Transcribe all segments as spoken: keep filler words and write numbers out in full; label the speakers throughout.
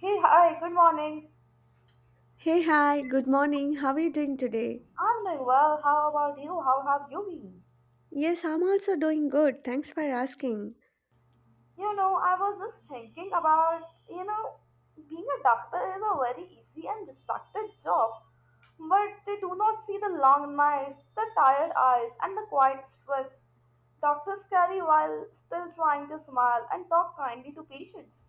Speaker 1: Hey, hi, good morning.
Speaker 2: Hey, hi, good morning. How are you doing today?
Speaker 1: I'm doing well. How about you? How have you been?
Speaker 2: Yes, I'm also doing good. Thanks for asking.
Speaker 1: You know, I was just thinking about, you know, being a doctor is a very easy and respected job, but they do not see the long nights, the tired eyes, and the quiet stress doctors carry while still trying to smile and talk kindly to patients.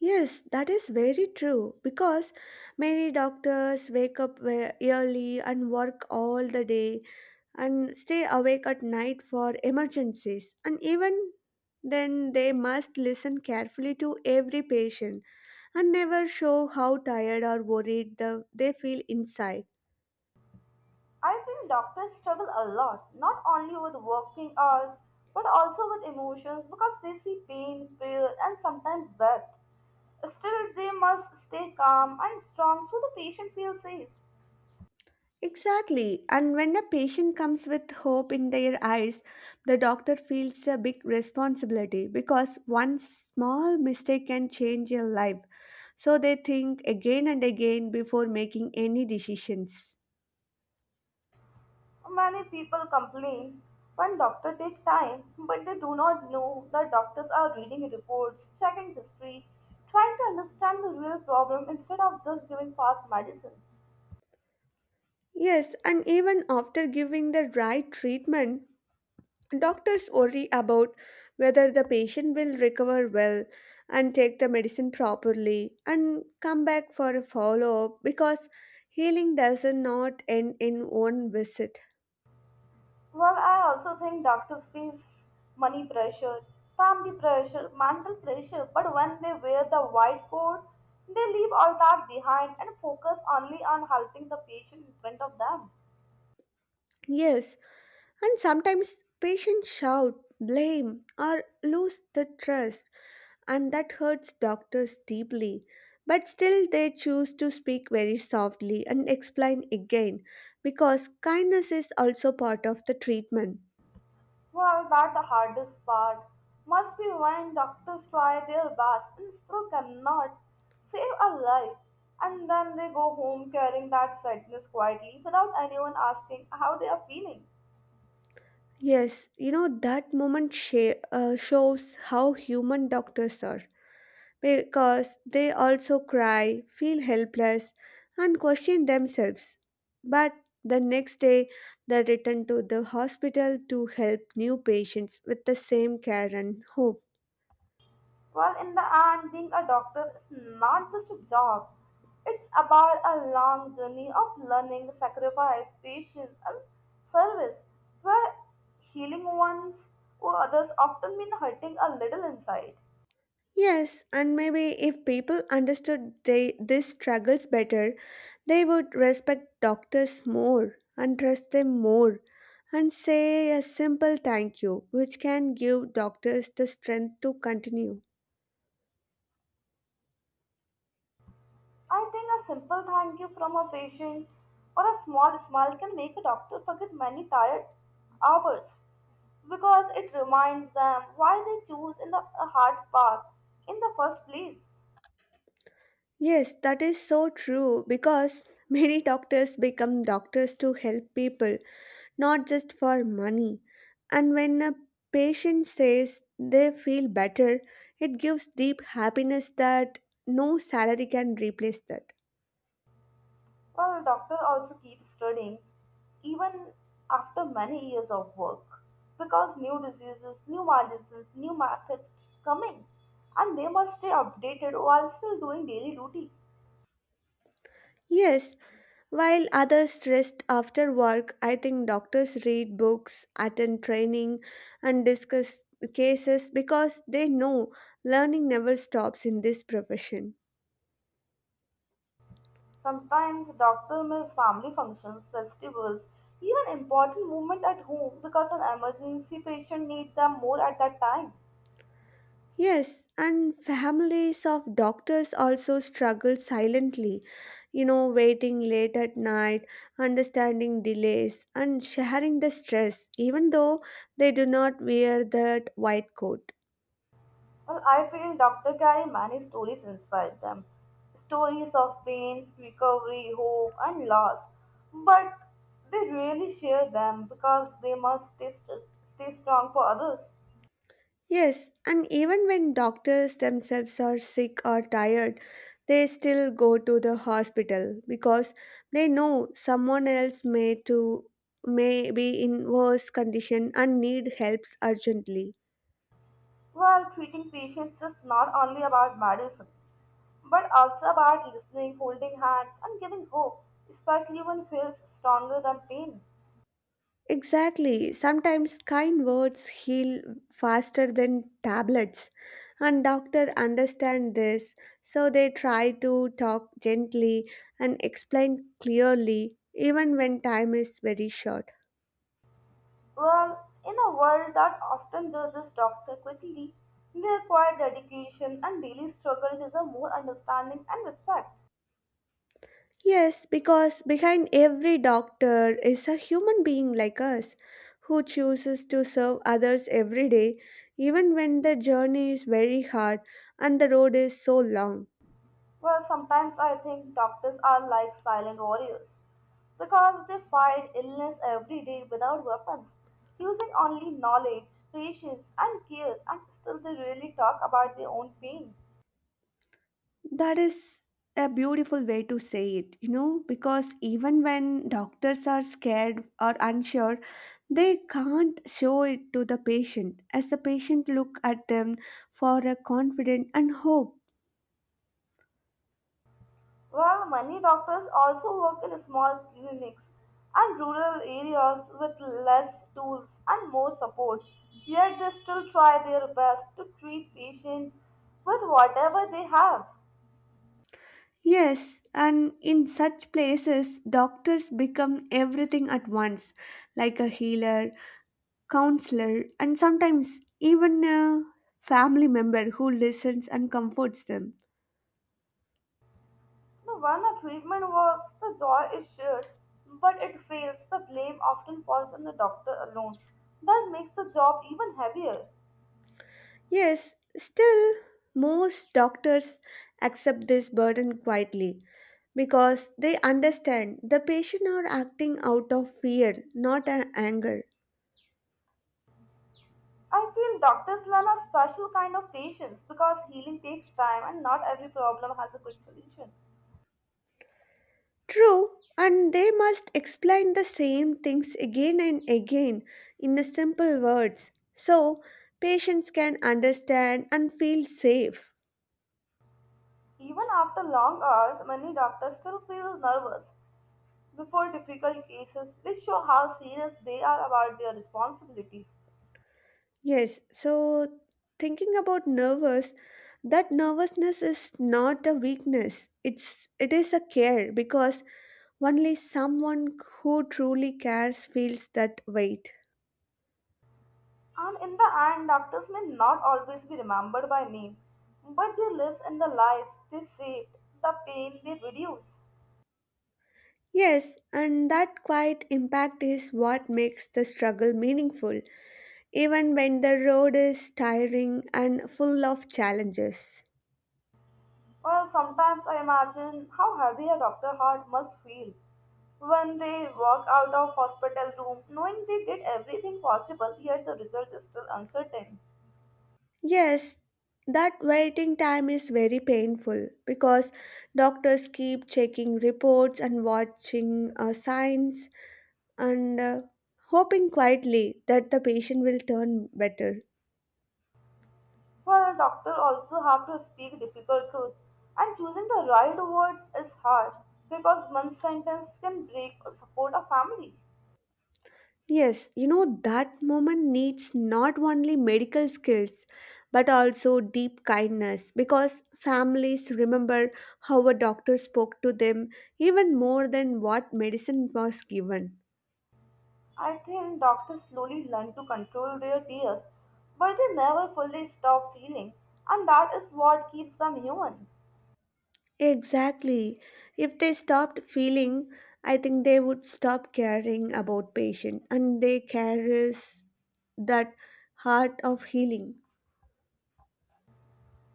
Speaker 2: Yes, that is very true because many doctors wake up ve- early and work all the day and stay awake at night for emergencies. And even then, they must listen carefully to every patient and never show how tired or worried the, they feel inside.
Speaker 1: I feel doctors struggle a lot, not only with working hours, but also with emotions because they see pain, fear, and sometimes death. Still, they must stay calm and strong so the patient feels safe.
Speaker 2: Exactly. And when a patient comes with hope in their eyes, the doctor feels a big responsibility because one small mistake can change your life. So they think again and again before making any decisions.
Speaker 1: Many people complain when doctors take time, but they do not know that doctors are reading reports, checking history, trying to understand the real problem instead of just giving fast medicine.
Speaker 2: Yes, and even after giving the right treatment, doctors worry about whether the patient will recover well and take the medicine properly and come back for a follow up because healing does not end in one visit.
Speaker 1: Well, I also think doctors face money pressure, family pressure, mental pressure, but when they wear the white coat, they leave all that behind and focus only on helping the patient in front of them.
Speaker 2: Yes, and sometimes patients shout, blame, or lose the trust, and that hurts doctors deeply. But still, they choose to speak very softly and explain again because kindness is also part of the treatment.
Speaker 1: Well, that's the hardest part must be when doctors try their best and still cannot save a life, and then they go home carrying that sadness quietly without anyone asking how they are feeling.
Speaker 2: Yes, you know, that moment sha- uh, shows how human doctors are because they also cry, feel helpless, and question themselves. But the next day, they return to the hospital to help new patients with the same care and hope.
Speaker 1: Well, in the end, being a doctor is not just a job, it's about a long journey of learning, sacrifice, patience, and service, where healing ones or others often mean hurting a little inside.
Speaker 2: Yes, and maybe if people understood they, these struggles better, they would respect doctors more and trust them more and say a simple thank you, which can give doctors the strength to continue.
Speaker 1: I think a simple thank you from a patient or a small smile can make a doctor forget many tired hours because it reminds them why they choose in the a hard path in the first place.
Speaker 2: Yes, that is so true because many doctors become doctors to help people not just for money. And when a patient says they feel better, it gives deep happiness that no salary can replace that.
Speaker 1: Well, doctor also keeps studying even after many years of work because new diseases, new medicines, new methods keep coming and they must stay updated while still doing daily duty.
Speaker 2: Yes, while others rest after work, I think doctors read books, attend training, and discuss cases because they know learning never stops in this profession.
Speaker 1: Sometimes doctor miss family functions, festivals, even important movement at home because an emergency patient need them more at that time.
Speaker 2: Yes, and families of doctors also struggle silently, you know, waiting late at night, understanding delays, and sharing the stress, even though they do not wear that white coat.
Speaker 1: Well, I feel doctor carry many stories inside them. Stories of pain, recovery, hope and loss. But they rarely share them because they must stay, st- stay strong for others.
Speaker 2: Yes, and even when doctors themselves are sick or tired, they still go to the hospital because they know someone else may to may be in worse condition and need helps urgently.
Speaker 1: Well, treating patients is not only about medicine, but also about listening, holding hands, and giving hope, especially when fear is stronger than pain.
Speaker 2: Exactly. Sometimes kind words heal faster than tablets. And doctor understand this, so they try to talk gently and explain clearly even when time is very short.
Speaker 1: Well, in a world that often judges doctors quickly, their quiet dedication and daily struggle deserve more understanding and respect.
Speaker 2: Yes, because behind every doctor is a human being like us who chooses to serve others every day even when the journey is very hard and the road is so long.
Speaker 1: Well, sometimes I think doctors are like silent warriors because they fight illness every day without weapons, using only knowledge, patience, and care, and still they really talk about their own pain.
Speaker 2: That is a beautiful way to say it, you know, because even when doctors are scared or unsure, they can't show it to the patient as the patient look at them for a confident and hope.
Speaker 1: Well, many doctors also work in small clinics and rural areas with less tools and more support, yet they still try their best to treat patients with whatever they have.
Speaker 2: Yes, and in such places doctors become everything at once, like a healer, counselor, and sometimes even a family member who listens and comforts them.
Speaker 1: No, when a treatment works, the joy is shared, but it fails, the blame often falls on the doctor alone. That makes the job even heavier.
Speaker 2: Yes, still, most doctors accept this burden quietly because they understand the patient are acting out of fear, not a- anger.
Speaker 1: I feel doctors learn a special kind of patience because healing takes time and not every problem has a quick solution.
Speaker 2: True, and they must explain the same things again and again in the simple words so patients can understand and feel safe.
Speaker 1: Even after long hours, many doctors still feel nervous before difficult cases, which show how serious they are about their responsibility.
Speaker 2: Yes, so thinking about nervous, that nervousness is not a weakness. It's it is a care because only someone who truly cares feels that weight.
Speaker 1: And in the end, doctors may not always be remembered by name, but their lives and the lives they saved, the pain they reduce.
Speaker 2: Yes, and that quiet impact is what makes the struggle meaningful, even when the road is tiring and full of challenges.
Speaker 1: Well, sometimes I imagine how heavy a doctor heart must feel when they walk out of hospital room knowing they did everything possible yet the result is still uncertain.
Speaker 2: Yes, that waiting time is very painful because doctors keep checking reports and watching uh, signs and uh, hoping quietly that the patient will turn better.
Speaker 1: Well, doctors also have to speak difficult truth and choosing the right words is hard because one sentence can break or support a family.
Speaker 2: Yes, you know that moment needs not only medical skills but also deep kindness because families remember how a doctor spoke to them even more than what medicine was given.
Speaker 1: I think doctors slowly learn to control their tears, but they never fully stop feeling, and that is what keeps them human.
Speaker 2: Exactly. If they stopped feeling, I think they would stop caring about patient and they carries that heart of healing.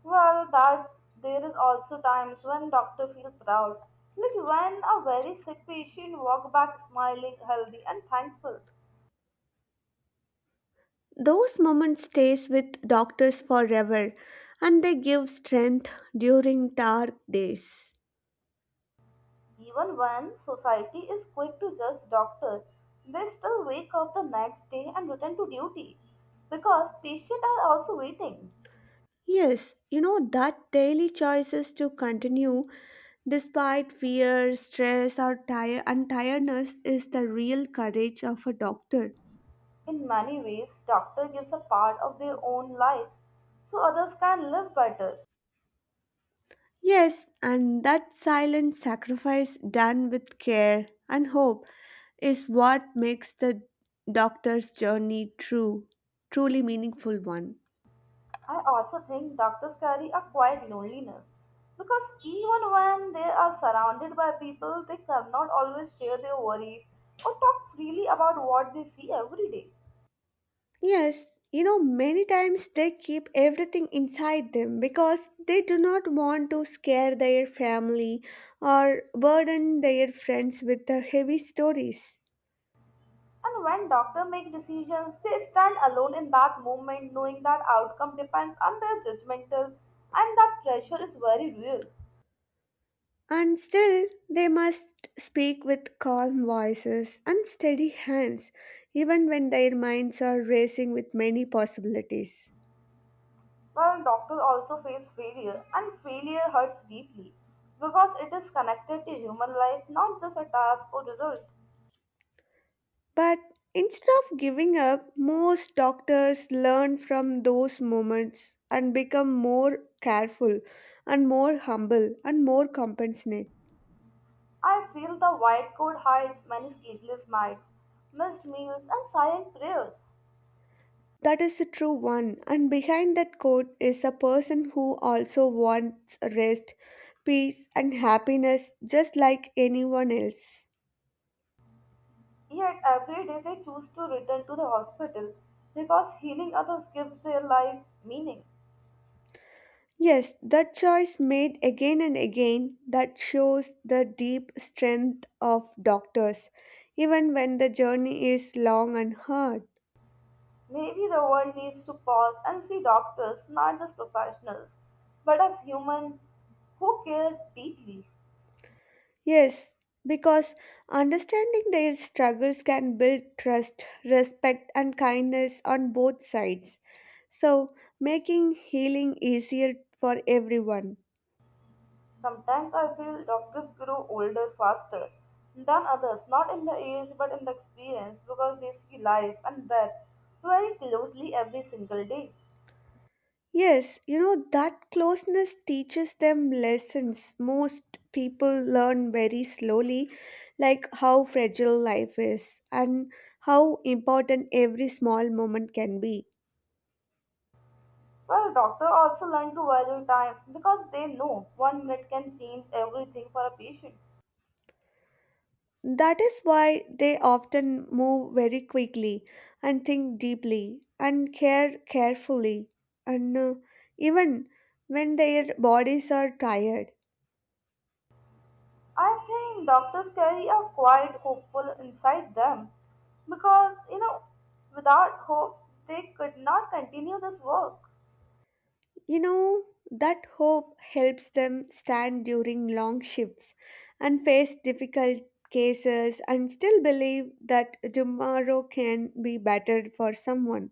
Speaker 1: Well, that there is also times when doctors feel proud, like when a very sick patient walk back smiling, healthy, and thankful.
Speaker 2: Those moments stays with doctors forever and they give strength during dark days.
Speaker 1: Even when society is quick to judge doctors, they still wake up the next day and return to duty because patients are also waiting.
Speaker 2: Yes, you know that daily choices to continue despite fear, stress or tire and tiredness is the real courage of a doctor.
Speaker 1: In many ways, doctor gives a part of their own lives so others can live better.
Speaker 2: Yes, and that silent sacrifice done with care and hope is what makes the doctor's journey true, truly meaningful one.
Speaker 1: I also think doctors carry a quiet loneliness because even when they are surrounded by people, they cannot always share their worries or talk freely about what they see every day.
Speaker 2: Yes, you know, many times they keep everything inside them because they do not want to scare their family or burden their friends with the heavy stories.
Speaker 1: And when doctors make decisions, they stand alone in that moment knowing that outcome depends on their judgmental and that pressure is very real.
Speaker 2: And still, they must speak with calm voices and steady hands, even when their minds are racing with many possibilities.
Speaker 1: Well, doctors also face failure, and failure hurts deeply because it is connected to human life, not just a task or result.
Speaker 2: But instead of giving up, most doctors learn from those moments and become more careful and more humble and more compassionate.
Speaker 1: I feel the white coat hides many sleepless nights, missed meals, and silent prayers.
Speaker 2: That is the true one, and behind that quote is a person who also wants rest, peace, and happiness just like anyone else.
Speaker 1: Yet every day they choose to return to the hospital because healing others gives their life meaning.
Speaker 2: Yes, that choice made again and again that shows the deep strength of doctors, even when the journey is long and hard.
Speaker 1: Maybe the world needs to pause and see doctors not just professionals, but as human who care deeply.
Speaker 2: Yes, because understanding their struggles can build trust, respect, and kindness on both sides, so making healing easier for everyone.
Speaker 1: Sometimes I feel doctors grow older faster than others, not in the age but in the experience, because they see life and death very closely every single day.
Speaker 2: Yes, you know, that closeness teaches them lessons most people learn very slowly, like how fragile life is and how important every small moment can be.
Speaker 1: Well, doctors also learn to value time because they know one minute can change everything for a patient.
Speaker 2: That is why they often move very quickly and think deeply and care carefully, and uh, even when their bodies are tired.
Speaker 1: I think doctors carry a quiet hopeful inside them because you know, without hope, they could not continue this work.
Speaker 2: You know, that hope helps them stand during long shifts and face difficult cases and still believe that tomorrow can be better for someone.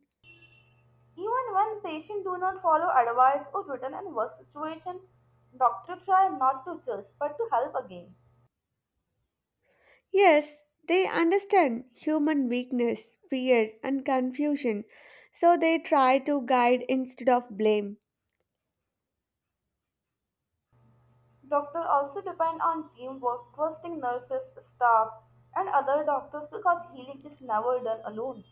Speaker 1: Even when patients do not follow advice or written in worse situation, doctor try not to judge but to help again.
Speaker 2: Yes, they understand human weakness, fear, and confusion, so they try to guide instead of blame.
Speaker 1: Doctor also depend on teamwork, trusting nurses, staff, and other doctors because healing is never done alone.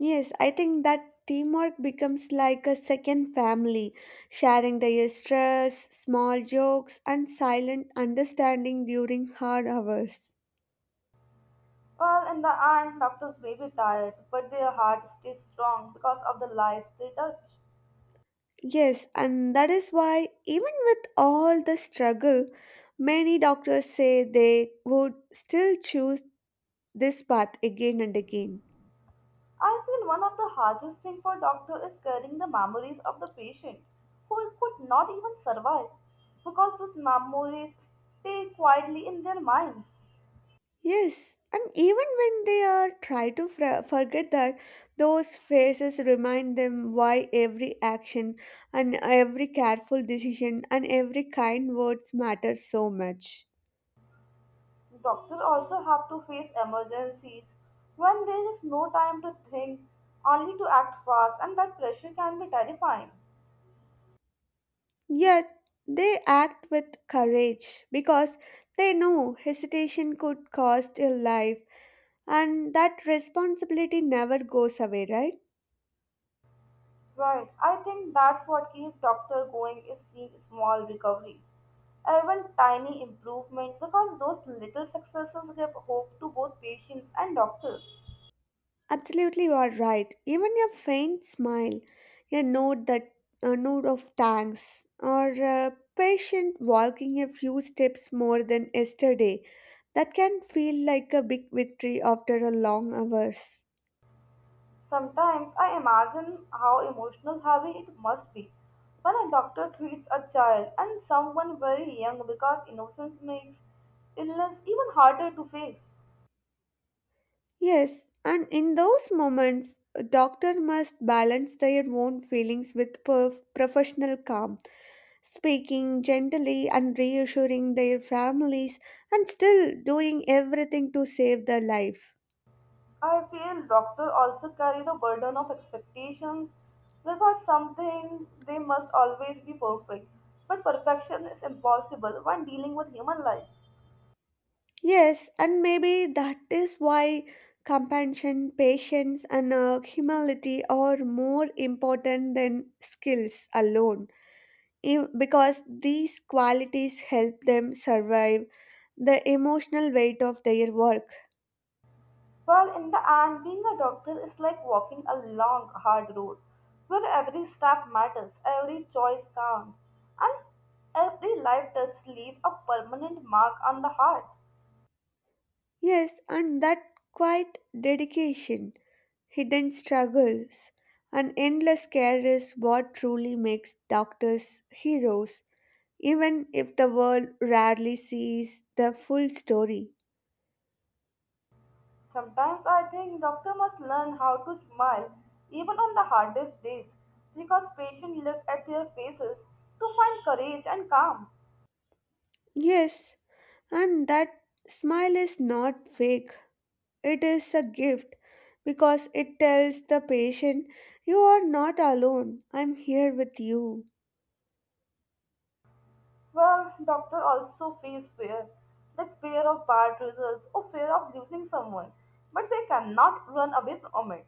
Speaker 2: Yes, I think that teamwork becomes like a second family, sharing their stress, small jokes, and silent understanding during hard hours.
Speaker 1: Well, in the end, doctors may be tired, but their heart stays strong because of the lives they touch.
Speaker 2: Yes, and that is why, even with all the struggle, many doctors say they would still choose this path again and again.
Speaker 1: I feel one of the hardest things for doctor is carrying the memories of the patient who could not even survive because those memories stay quietly in their minds.
Speaker 2: Yes, and even when they are try to fr- forget that, those phrases remind them why every action and every careful decision and every kind words matter so much.
Speaker 1: Doctors also have to face emergencies when there is no time to think, only to act fast, and that pressure can be terrifying.
Speaker 2: Yet they act with courage because they know hesitation could cost a life, and that responsibility never goes away, right?
Speaker 1: Right. I think that's what keeps doctor going is seeing small recoveries. Even tiny improvement because those little successes give hope to both patients and doctors.
Speaker 2: Absolutely, you are right. Even a faint smile, a note that a note of thanks, or a patient walking a few steps more than yesterday, that can feel like a big victory after a long hours.
Speaker 1: Sometimes I imagine how emotional heavy it must be when a doctor treats a child and someone very young because innocence makes illness even harder to face.
Speaker 2: Yes, and in those moments, a doctor must balance their own feelings with perf- professional calm, speaking gently and reassuring their families, and still doing everything to save their life.
Speaker 1: I feel doctors also carry the burden of expectations because something they must always be perfect. But perfection is impossible when dealing with human life.
Speaker 2: Yes, and maybe that is why compassion, patience, and uh, humility are more important than skills alone. Im- Because these qualities help them survive the emotional weight of their work.
Speaker 1: Well, in the end, being a doctor is like walking a long, hard road where every step matters, every choice counts, and every life touch leave a permanent mark on the heart.
Speaker 2: Yes, and that quiet dedication, hidden struggles, and endless care is what truly makes doctors heroes, even if the world rarely sees the full story.
Speaker 1: Sometimes I think doctor must learn how to smile even on the hardest days because patients look at their faces to find courage and calm.
Speaker 2: Yes, and that smile is not fake. It is a gift because it tells the patient, you are not alone, I'm here with you.
Speaker 1: Well, doctor also face fear, like fear of bad results or fear of losing someone, but they cannot run away from it.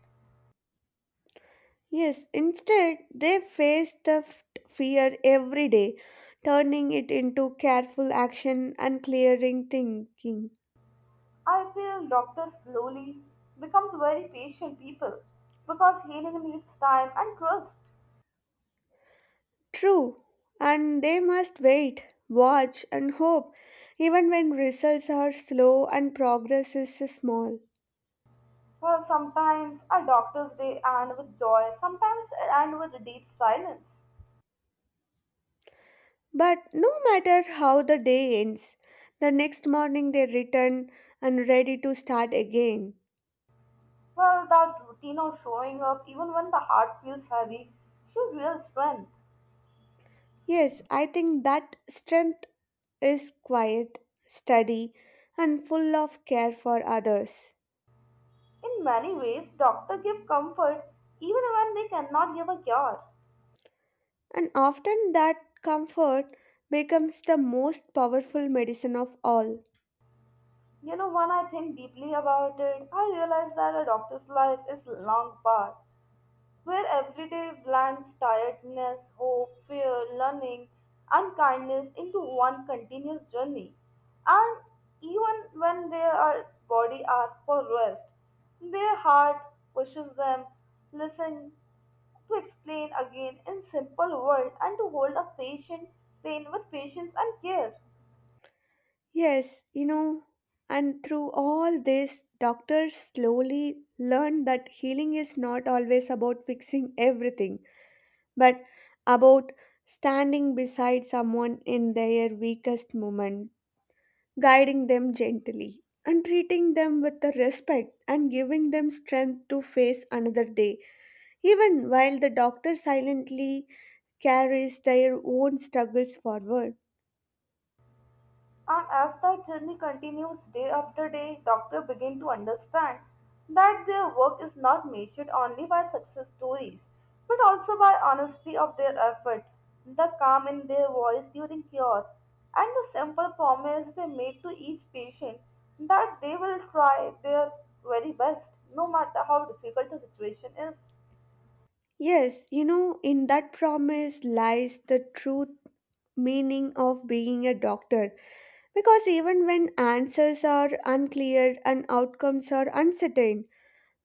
Speaker 2: Yes, instead, they face the f- fear every day, turning it into careful action and clearing thinking.
Speaker 1: I feel doctors slowly becomes very patient people because healing needs time and trust.
Speaker 2: True, and they must wait, watch, and hope, even when results are slow and progress is small.
Speaker 1: Well, sometimes a doctor's day end with joy, sometimes it end with deep silence.
Speaker 2: But no matter how the day ends, the next morning they return and ready to start again.
Speaker 1: Well, that routine of showing up, even when the heart feels heavy, shows real strength.
Speaker 2: Yes, I think that strength is quiet, steady, and full of care for others.
Speaker 1: In many ways, doctors give comfort even when they cannot give a cure.
Speaker 2: And often that comfort becomes the most powerful medicine of all.
Speaker 1: You know, when I think deeply about it, I realize that a doctor's life is long path, where everyday blends tiredness, hope, fear, learning, and kindness into one continuous journey. And even when their body asks for rest, their heart pushes them, listen to explain again in simple words, and to hold a patient pain with patience and care.
Speaker 2: Yes, you know, and through all this, doctors slowly learn that healing is not always about fixing everything but about standing beside someone in their weakest moment, guiding them gently, and treating them with the respect and giving them strength to face another day, even while the doctor silently carries their own struggles forward.
Speaker 1: And as that journey continues day after day, doctors begin to understand that their work is not measured only by success stories, but also by honesty of their effort, the calm in their voice during cures, and the simple promise they made to each patient that they will try their very best, no matter how difficult the situation is.
Speaker 2: Yes, you know, in that promise lies the truth meaning of being a doctor because even when answers are unclear and outcomes are uncertain,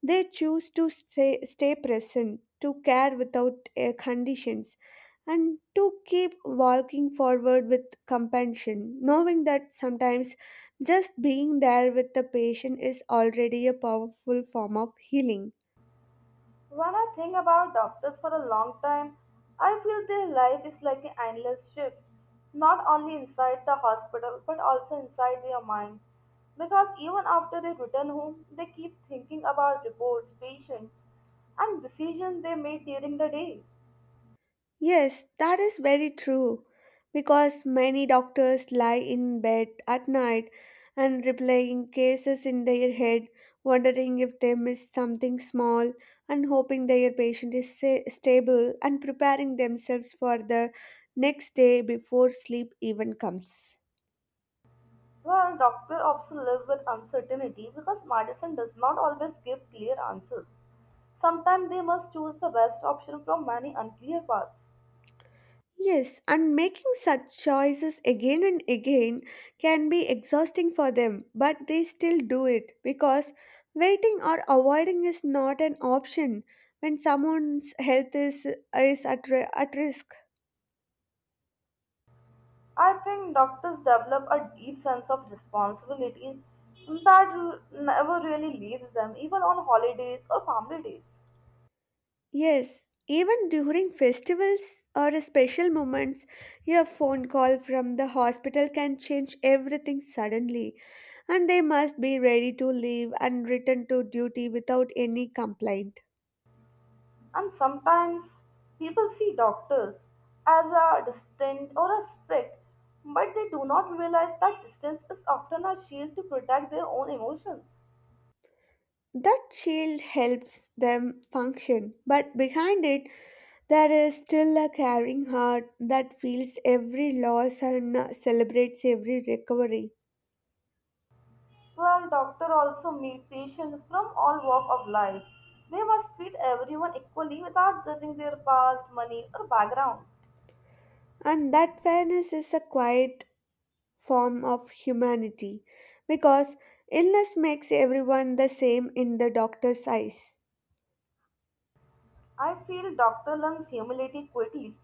Speaker 2: they choose to stay, stay present, to care without uh, conditions, and to keep walking forward with compassion, knowing that sometimes just being there with the patient is already a powerful form of healing.
Speaker 1: When I think about doctors for a long time, I feel their life is like an endless shift, not only inside the hospital but also inside their minds. Because even after they return home, they keep thinking about reports, patients, and decisions they made during the day.
Speaker 2: Yes, that is very true. Because many doctors lie in bed at night and replaying cases in their head, wondering if they missed something small and hoping their patient is sa- stable and preparing themselves for the next day before sleep even comes.
Speaker 1: Well, doctors also live with uncertainty because medicine does not always give clear answers. Sometimes they must choose the best option from many unclear paths.
Speaker 2: Yes, and making such choices again and again can be exhausting for them, but they still do it because waiting or avoiding is not an option when someone's health is, is at, ri- at risk.
Speaker 1: I think doctors develop a deep sense of responsibility that r- never really leaves them, even on holidays or family days.
Speaker 2: Yes, even during festivals or special moments, your phone call from the hospital can change everything suddenly, and they must be ready to leave and return to duty without any complaint.
Speaker 1: And sometimes people see doctors as a distant or a strict, but they do not realize that distance is often a shield to protect their own emotions.
Speaker 2: That shield helps them function, but behind it, there is still a caring heart that feels every loss and uh, celebrates every recovery.
Speaker 1: Well, doctors also meet patients from all walk of life. They must treat everyone equally without judging their past, money, or background.
Speaker 2: And that fairness is a quiet form of humanity because illness makes everyone the same in the doctor's eyes.
Speaker 1: I feel doctor Lung's humility quickly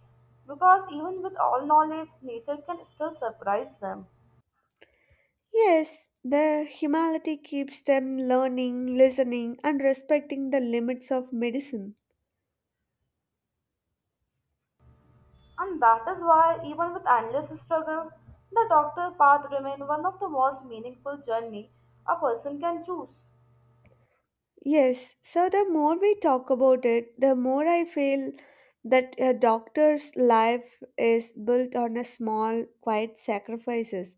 Speaker 1: because even with all knowledge, nature can still surprise them.
Speaker 2: Yes, the humanity keeps them learning, listening, and respecting the limits of medicine.
Speaker 1: And that is why, even with endless struggle, the doctor path remains one of the most meaningful journey a person can choose.
Speaker 2: Yes, so the more we talk about it, the more I feel that a doctor's life is built on a small, quiet sacrifices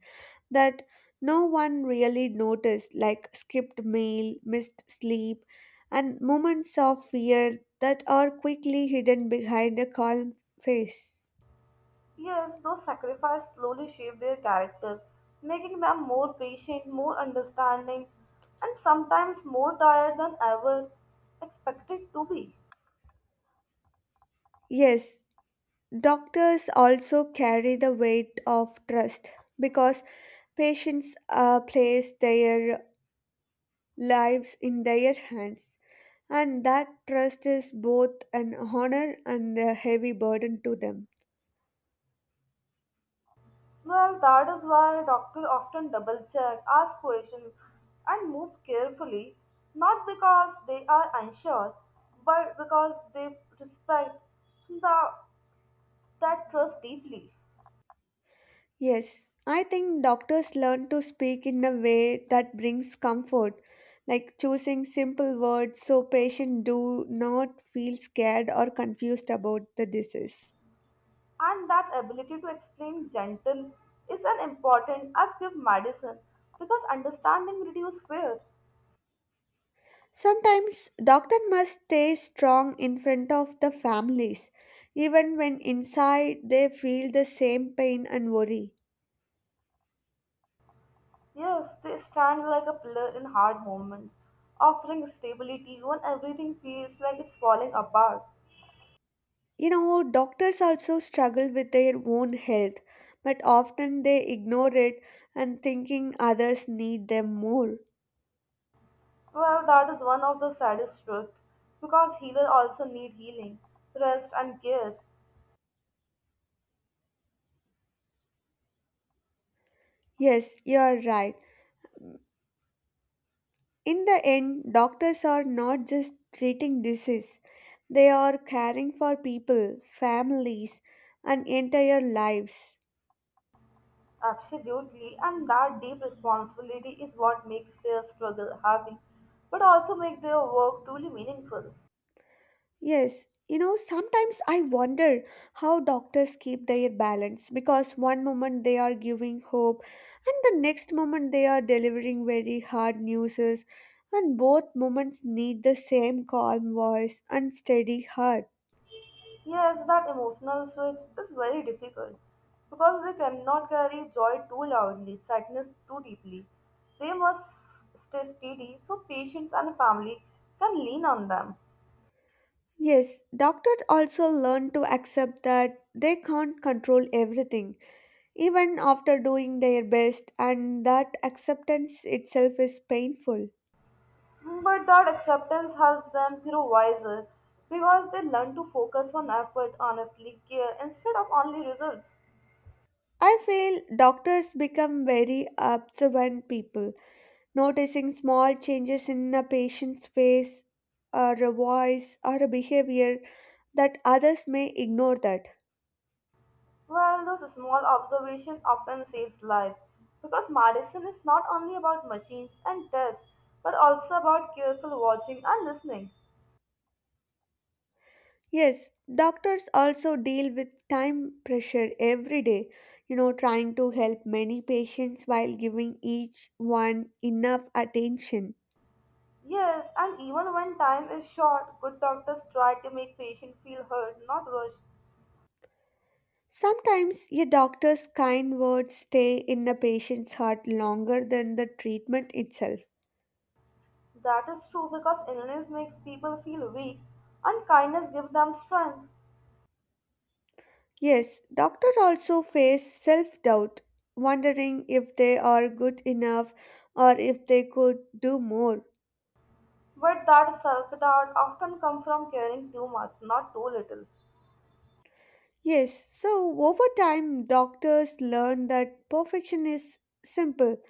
Speaker 2: that no one really noticed, like skipped meal, missed sleep, and moments of fear that are quickly hidden behind a calm face.
Speaker 1: Yes, those sacrifices slowly shape their character, making them more patient, more understanding, and sometimes more tired than ever expected to be.
Speaker 2: Yes, doctors also carry the weight of trust because patients uh, place their lives in their hands, and that trust is both an honor and a heavy burden to them.
Speaker 1: Well, that is why doctors often double check, ask questions, and move carefully, not because they are unsure, but because they respect the, that trust deeply.
Speaker 2: Yes, I think doctors learn to speak in a way that brings comfort, like choosing simple words so patients do not feel scared or confused about the disease.
Speaker 1: And that ability to explain gentle is as important as give medicine because understanding reduces fear.
Speaker 2: Sometimes doctor must stay strong in front of the families, even when inside they feel the same pain and worry.
Speaker 1: Yes, they stand like a pillar in hard moments, offering stability when everything feels like it's falling apart.
Speaker 2: You know, doctors also struggle with their own health, but often they ignore it and thinking others need them more.
Speaker 1: Well, that is one of the saddest truths because healers also need healing, rest, and care.
Speaker 2: Yes, you are right. In the end, doctors are not just treating disease, they are caring for people, families, and entire lives.
Speaker 1: Absolutely, and that deep responsibility is what makes their struggle heavy, but also make their work truly meaningful.
Speaker 2: Yes, you know, sometimes I wonder how doctors keep their balance because one moment they are giving hope and the next moment they are delivering very hard news, and both moments need the same calm voice and steady heart.
Speaker 1: Yes, that emotional switch is very difficult because they cannot carry joy too loudly, sadness too deeply. They must stay steady so patients and family can lean on them.
Speaker 2: Yes, doctors also learn to accept that they can't control everything, even after doing their best, and that acceptance itself is painful.
Speaker 1: But that acceptance helps them grow wiser because they learn to focus on effort, honestly, care instead of only results.
Speaker 2: I feel doctors become very observant people, noticing small changes in a patient's face or a voice or a behavior that others may ignore that.
Speaker 1: Well, those small observations often saves life because medicine is not only about machines and tests but also about careful watching and listening.
Speaker 2: Yes, doctors also deal with time pressure every day, you know, trying to help many patients while giving each one enough attention.
Speaker 1: Yes, and even when time is short, good doctors try to make patients feel heard, not rushed.
Speaker 2: Sometimes a doctor's kind words stay in a patient's heart longer than the treatment itself.
Speaker 1: That is true because illness makes people feel weak and kindness gives them strength.
Speaker 2: Yes, doctors also face self doubt, wondering if they are good enough or if they could do more.
Speaker 1: But that self doubt often comes from caring too much, not too little.
Speaker 2: Yes, so over time, doctors learn that perfection is simple,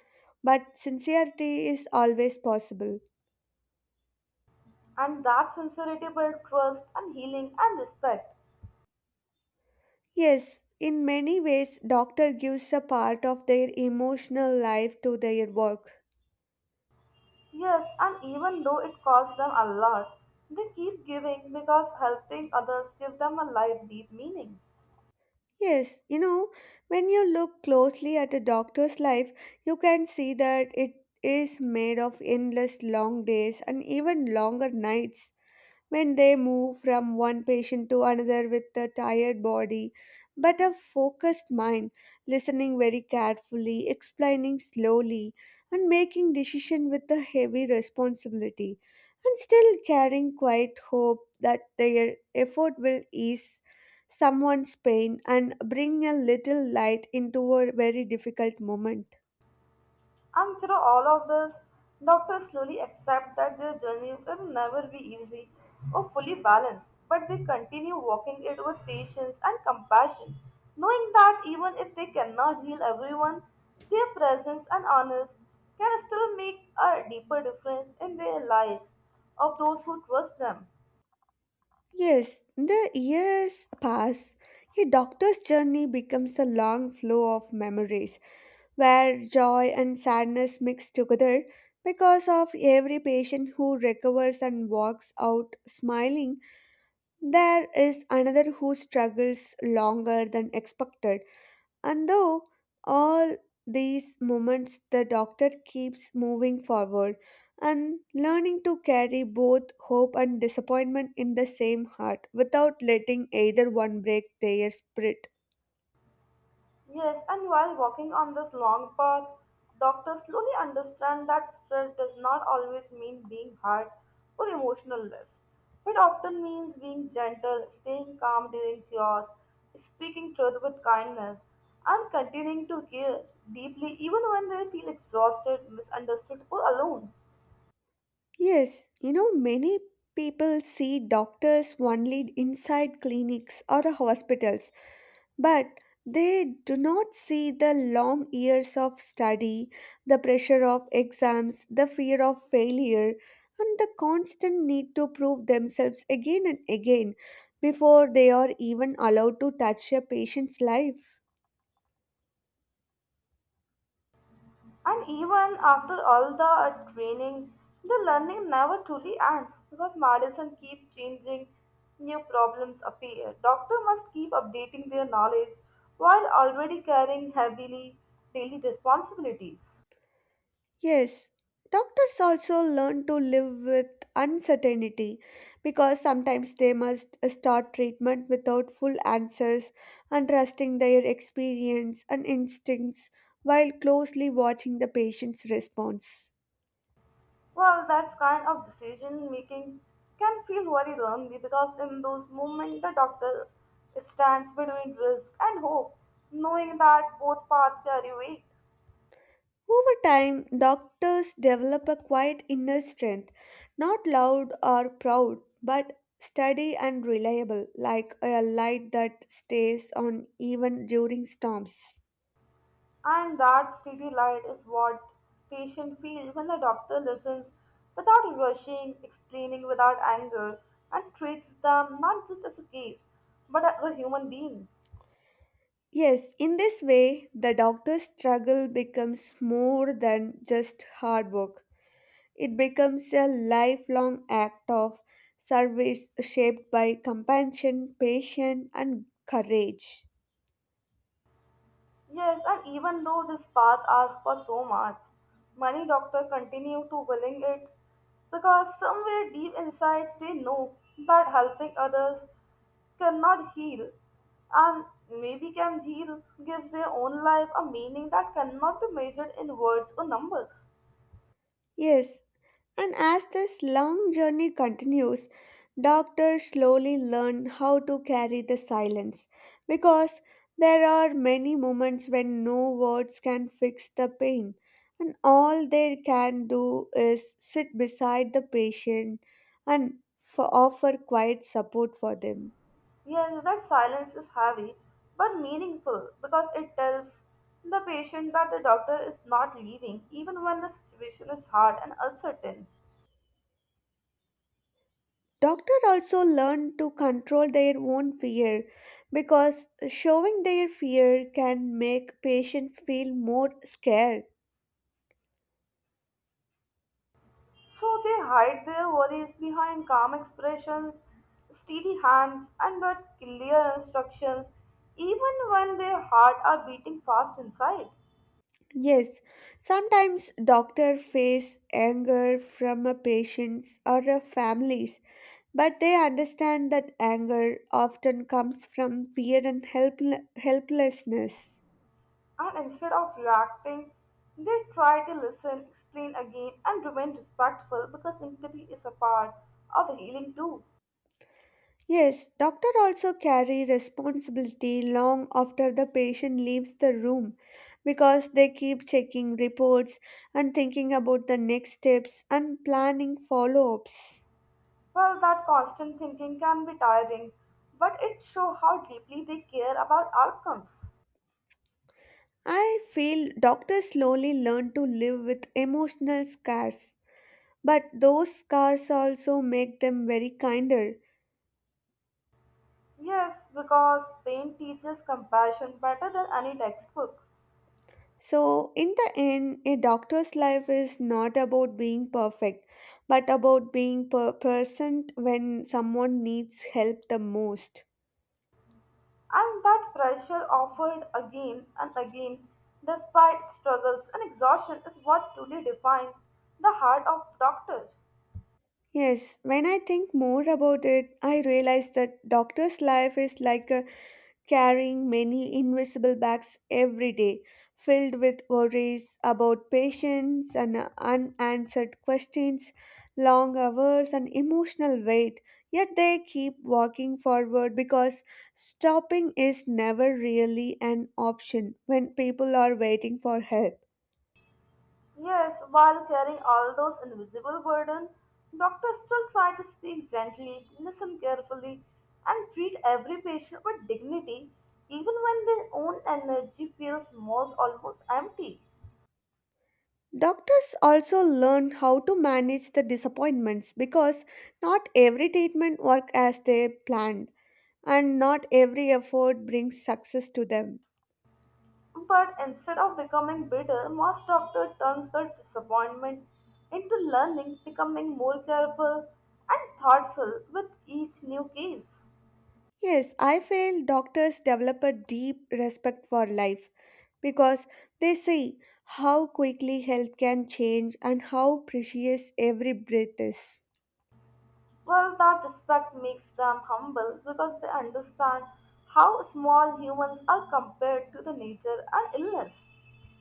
Speaker 2: but sincerity is always possible.
Speaker 1: And that sincerity builds trust and healing and respect.
Speaker 2: Yes, in many ways, doctor gives a part of their emotional life to their work.
Speaker 1: Yes, and even though it costs them a lot, they keep giving because helping others give them a life deep meaning.
Speaker 2: Yes, you know, when you look closely at a doctor's life, you can see that it is made of endless long days and even longer nights when they move from one patient to another with a tired body but a focused mind, listening very carefully, explaining slowly, and making decision with a heavy responsibility, and still carrying quiet hope that their effort will ease someone's pain and bring a little light into a very difficult moment.
Speaker 1: And through all of this, doctors slowly accept that their journey will never be easy or fully balanced, but they continue walking it with patience and compassion, knowing that even if they cannot heal everyone, their presence and honors can still make a deeper difference in the lives of those who trust them.
Speaker 2: Yes, the years pass. A doctor's journey becomes a long flow of memories where joy and sadness mix together. Because of every patient who recovers and walks out smiling, there is another who struggles longer than expected. And though all these moments, the doctor keeps moving forward and learning to carry both hope and disappointment in the same heart without letting either one break their spirit.
Speaker 1: Yes, and while walking on this long path, doctors slowly understand that stress does not always mean being hard or emotionless. It often means being gentle, staying calm during chaos, speaking truth with kindness, and continuing to care deeply even when they feel exhausted, misunderstood, or alone.
Speaker 2: Yes, you know, many people see doctors only inside clinics or hospitals, but they do not see the long years of study, the pressure of exams, the fear of failure, and the constant need to prove themselves again and again before they are even allowed to touch a patient's life.
Speaker 1: And even after all the uh, training, the learning never truly ends because medicine keeps changing, new problems appear. Doctor must keep updating their knowledge while already carrying heavily daily responsibilities.
Speaker 2: Yes, doctors also learn to live with uncertainty because sometimes they must start treatment without full answers and trusting their experience and instincts while closely watching the patient's response.
Speaker 1: Well, that kind of decision making can feel very lonely because in those moments the doctor stands between risk and hope, knowing that both paths carry weight.
Speaker 2: Over time, doctors develop a quiet inner strength, not loud or proud, but steady and reliable, like a light that stays on even during storms.
Speaker 1: And that steady light is what patient feels when the doctor listens without rushing, explaining without anger, and treats them not just as a case, but as a human being.
Speaker 2: Yes, in this way, the doctor's struggle becomes more than just hard work. It becomes a lifelong act of service shaped by compassion, patience, and courage.
Speaker 1: Yes, and even though this path asks for so much, many doctors continue to willing it because somewhere deep inside they know that helping others cannot heal and maybe can heal gives their own life a meaning that cannot be measured in words or numbers.
Speaker 2: Yes, and as this long journey continues, doctors slowly learn how to carry the silence because there are many moments when no words can fix the pain, and all they can do is sit beside the patient and f- offer quiet support for them.
Speaker 1: Yes, that silence is heavy but meaningful because it tells the patient that the doctor is not leaving even when the situation is hard and uncertain.
Speaker 2: Doctors also learn to control their own fear because showing their fear can make patients feel more scared.
Speaker 1: So they hide their worries behind calm expressions, steady hands, and that clear instructions, even when their heart are beating fast inside.
Speaker 2: Yes, sometimes doctor face anger from a patients or a families, but they understand that anger often comes from fear and helpl- helplessness.
Speaker 1: And instead of reacting, they try to listen, explain again, and remain respectful because empathy is a part of healing too.
Speaker 2: Yes, doctor also carry responsibility long after the patient leaves the room because they keep checking reports and thinking about the next steps and planning follow-ups.
Speaker 1: Well, that constant thinking can be tiring, but it shows how deeply they care about outcomes.
Speaker 2: I feel doctors slowly learn to live with emotional scars, but those scars also make them very kinder.
Speaker 1: Yes, because pain teaches compassion better than any textbook.
Speaker 2: So, in the end, a doctor's life is not about being perfect, but about being per- present when someone needs help the most.
Speaker 1: And that pressure offered again and again, despite struggles and exhaustion, is what truly defines the heart of doctors.
Speaker 2: Yes, when I think more about it, I realize that doctor's life is like a carrying many invisible bags every day, filled with worries about patients and unanswered questions, long hours, and emotional weight. Yet they keep walking forward because stopping is never really an option when people are waiting for help.
Speaker 1: Yes, while carrying all those invisible burden, doctors still try to speak gently, listen carefully, and treat every patient with dignity, even when their own energy feels most almost empty.
Speaker 2: Doctors also learn how to manage the disappointments because not every treatment works as they planned and not every effort brings success to them.
Speaker 1: But instead of becoming bitter, most doctor turns their disappointment into learning, becoming more careful and thoughtful with each new case.
Speaker 2: Yes, I feel doctors develop a deep respect for life because they see how quickly health can change and how precious every breath is.
Speaker 1: Well, that respect makes them humble because they understand how small humans are compared to the nature and illness.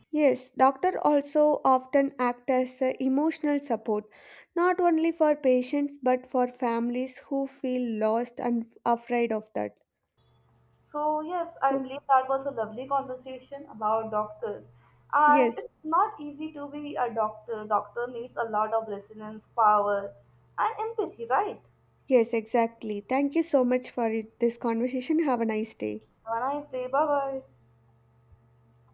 Speaker 2: Yes, doctor also often act as a emotional support not only for patients but for families who feel lost and afraid of that.
Speaker 1: So, yes, I
Speaker 2: So,
Speaker 1: believe that was a lovely conversation about doctors. And
Speaker 2: yes,
Speaker 1: it's not easy to be a doctor. Doctor needs a lot of resilience, power, and empathy, right?
Speaker 2: yes, exactly. Thank you so much for it, this conversation. Have a nice day.
Speaker 1: Have a nice day. Bye bye.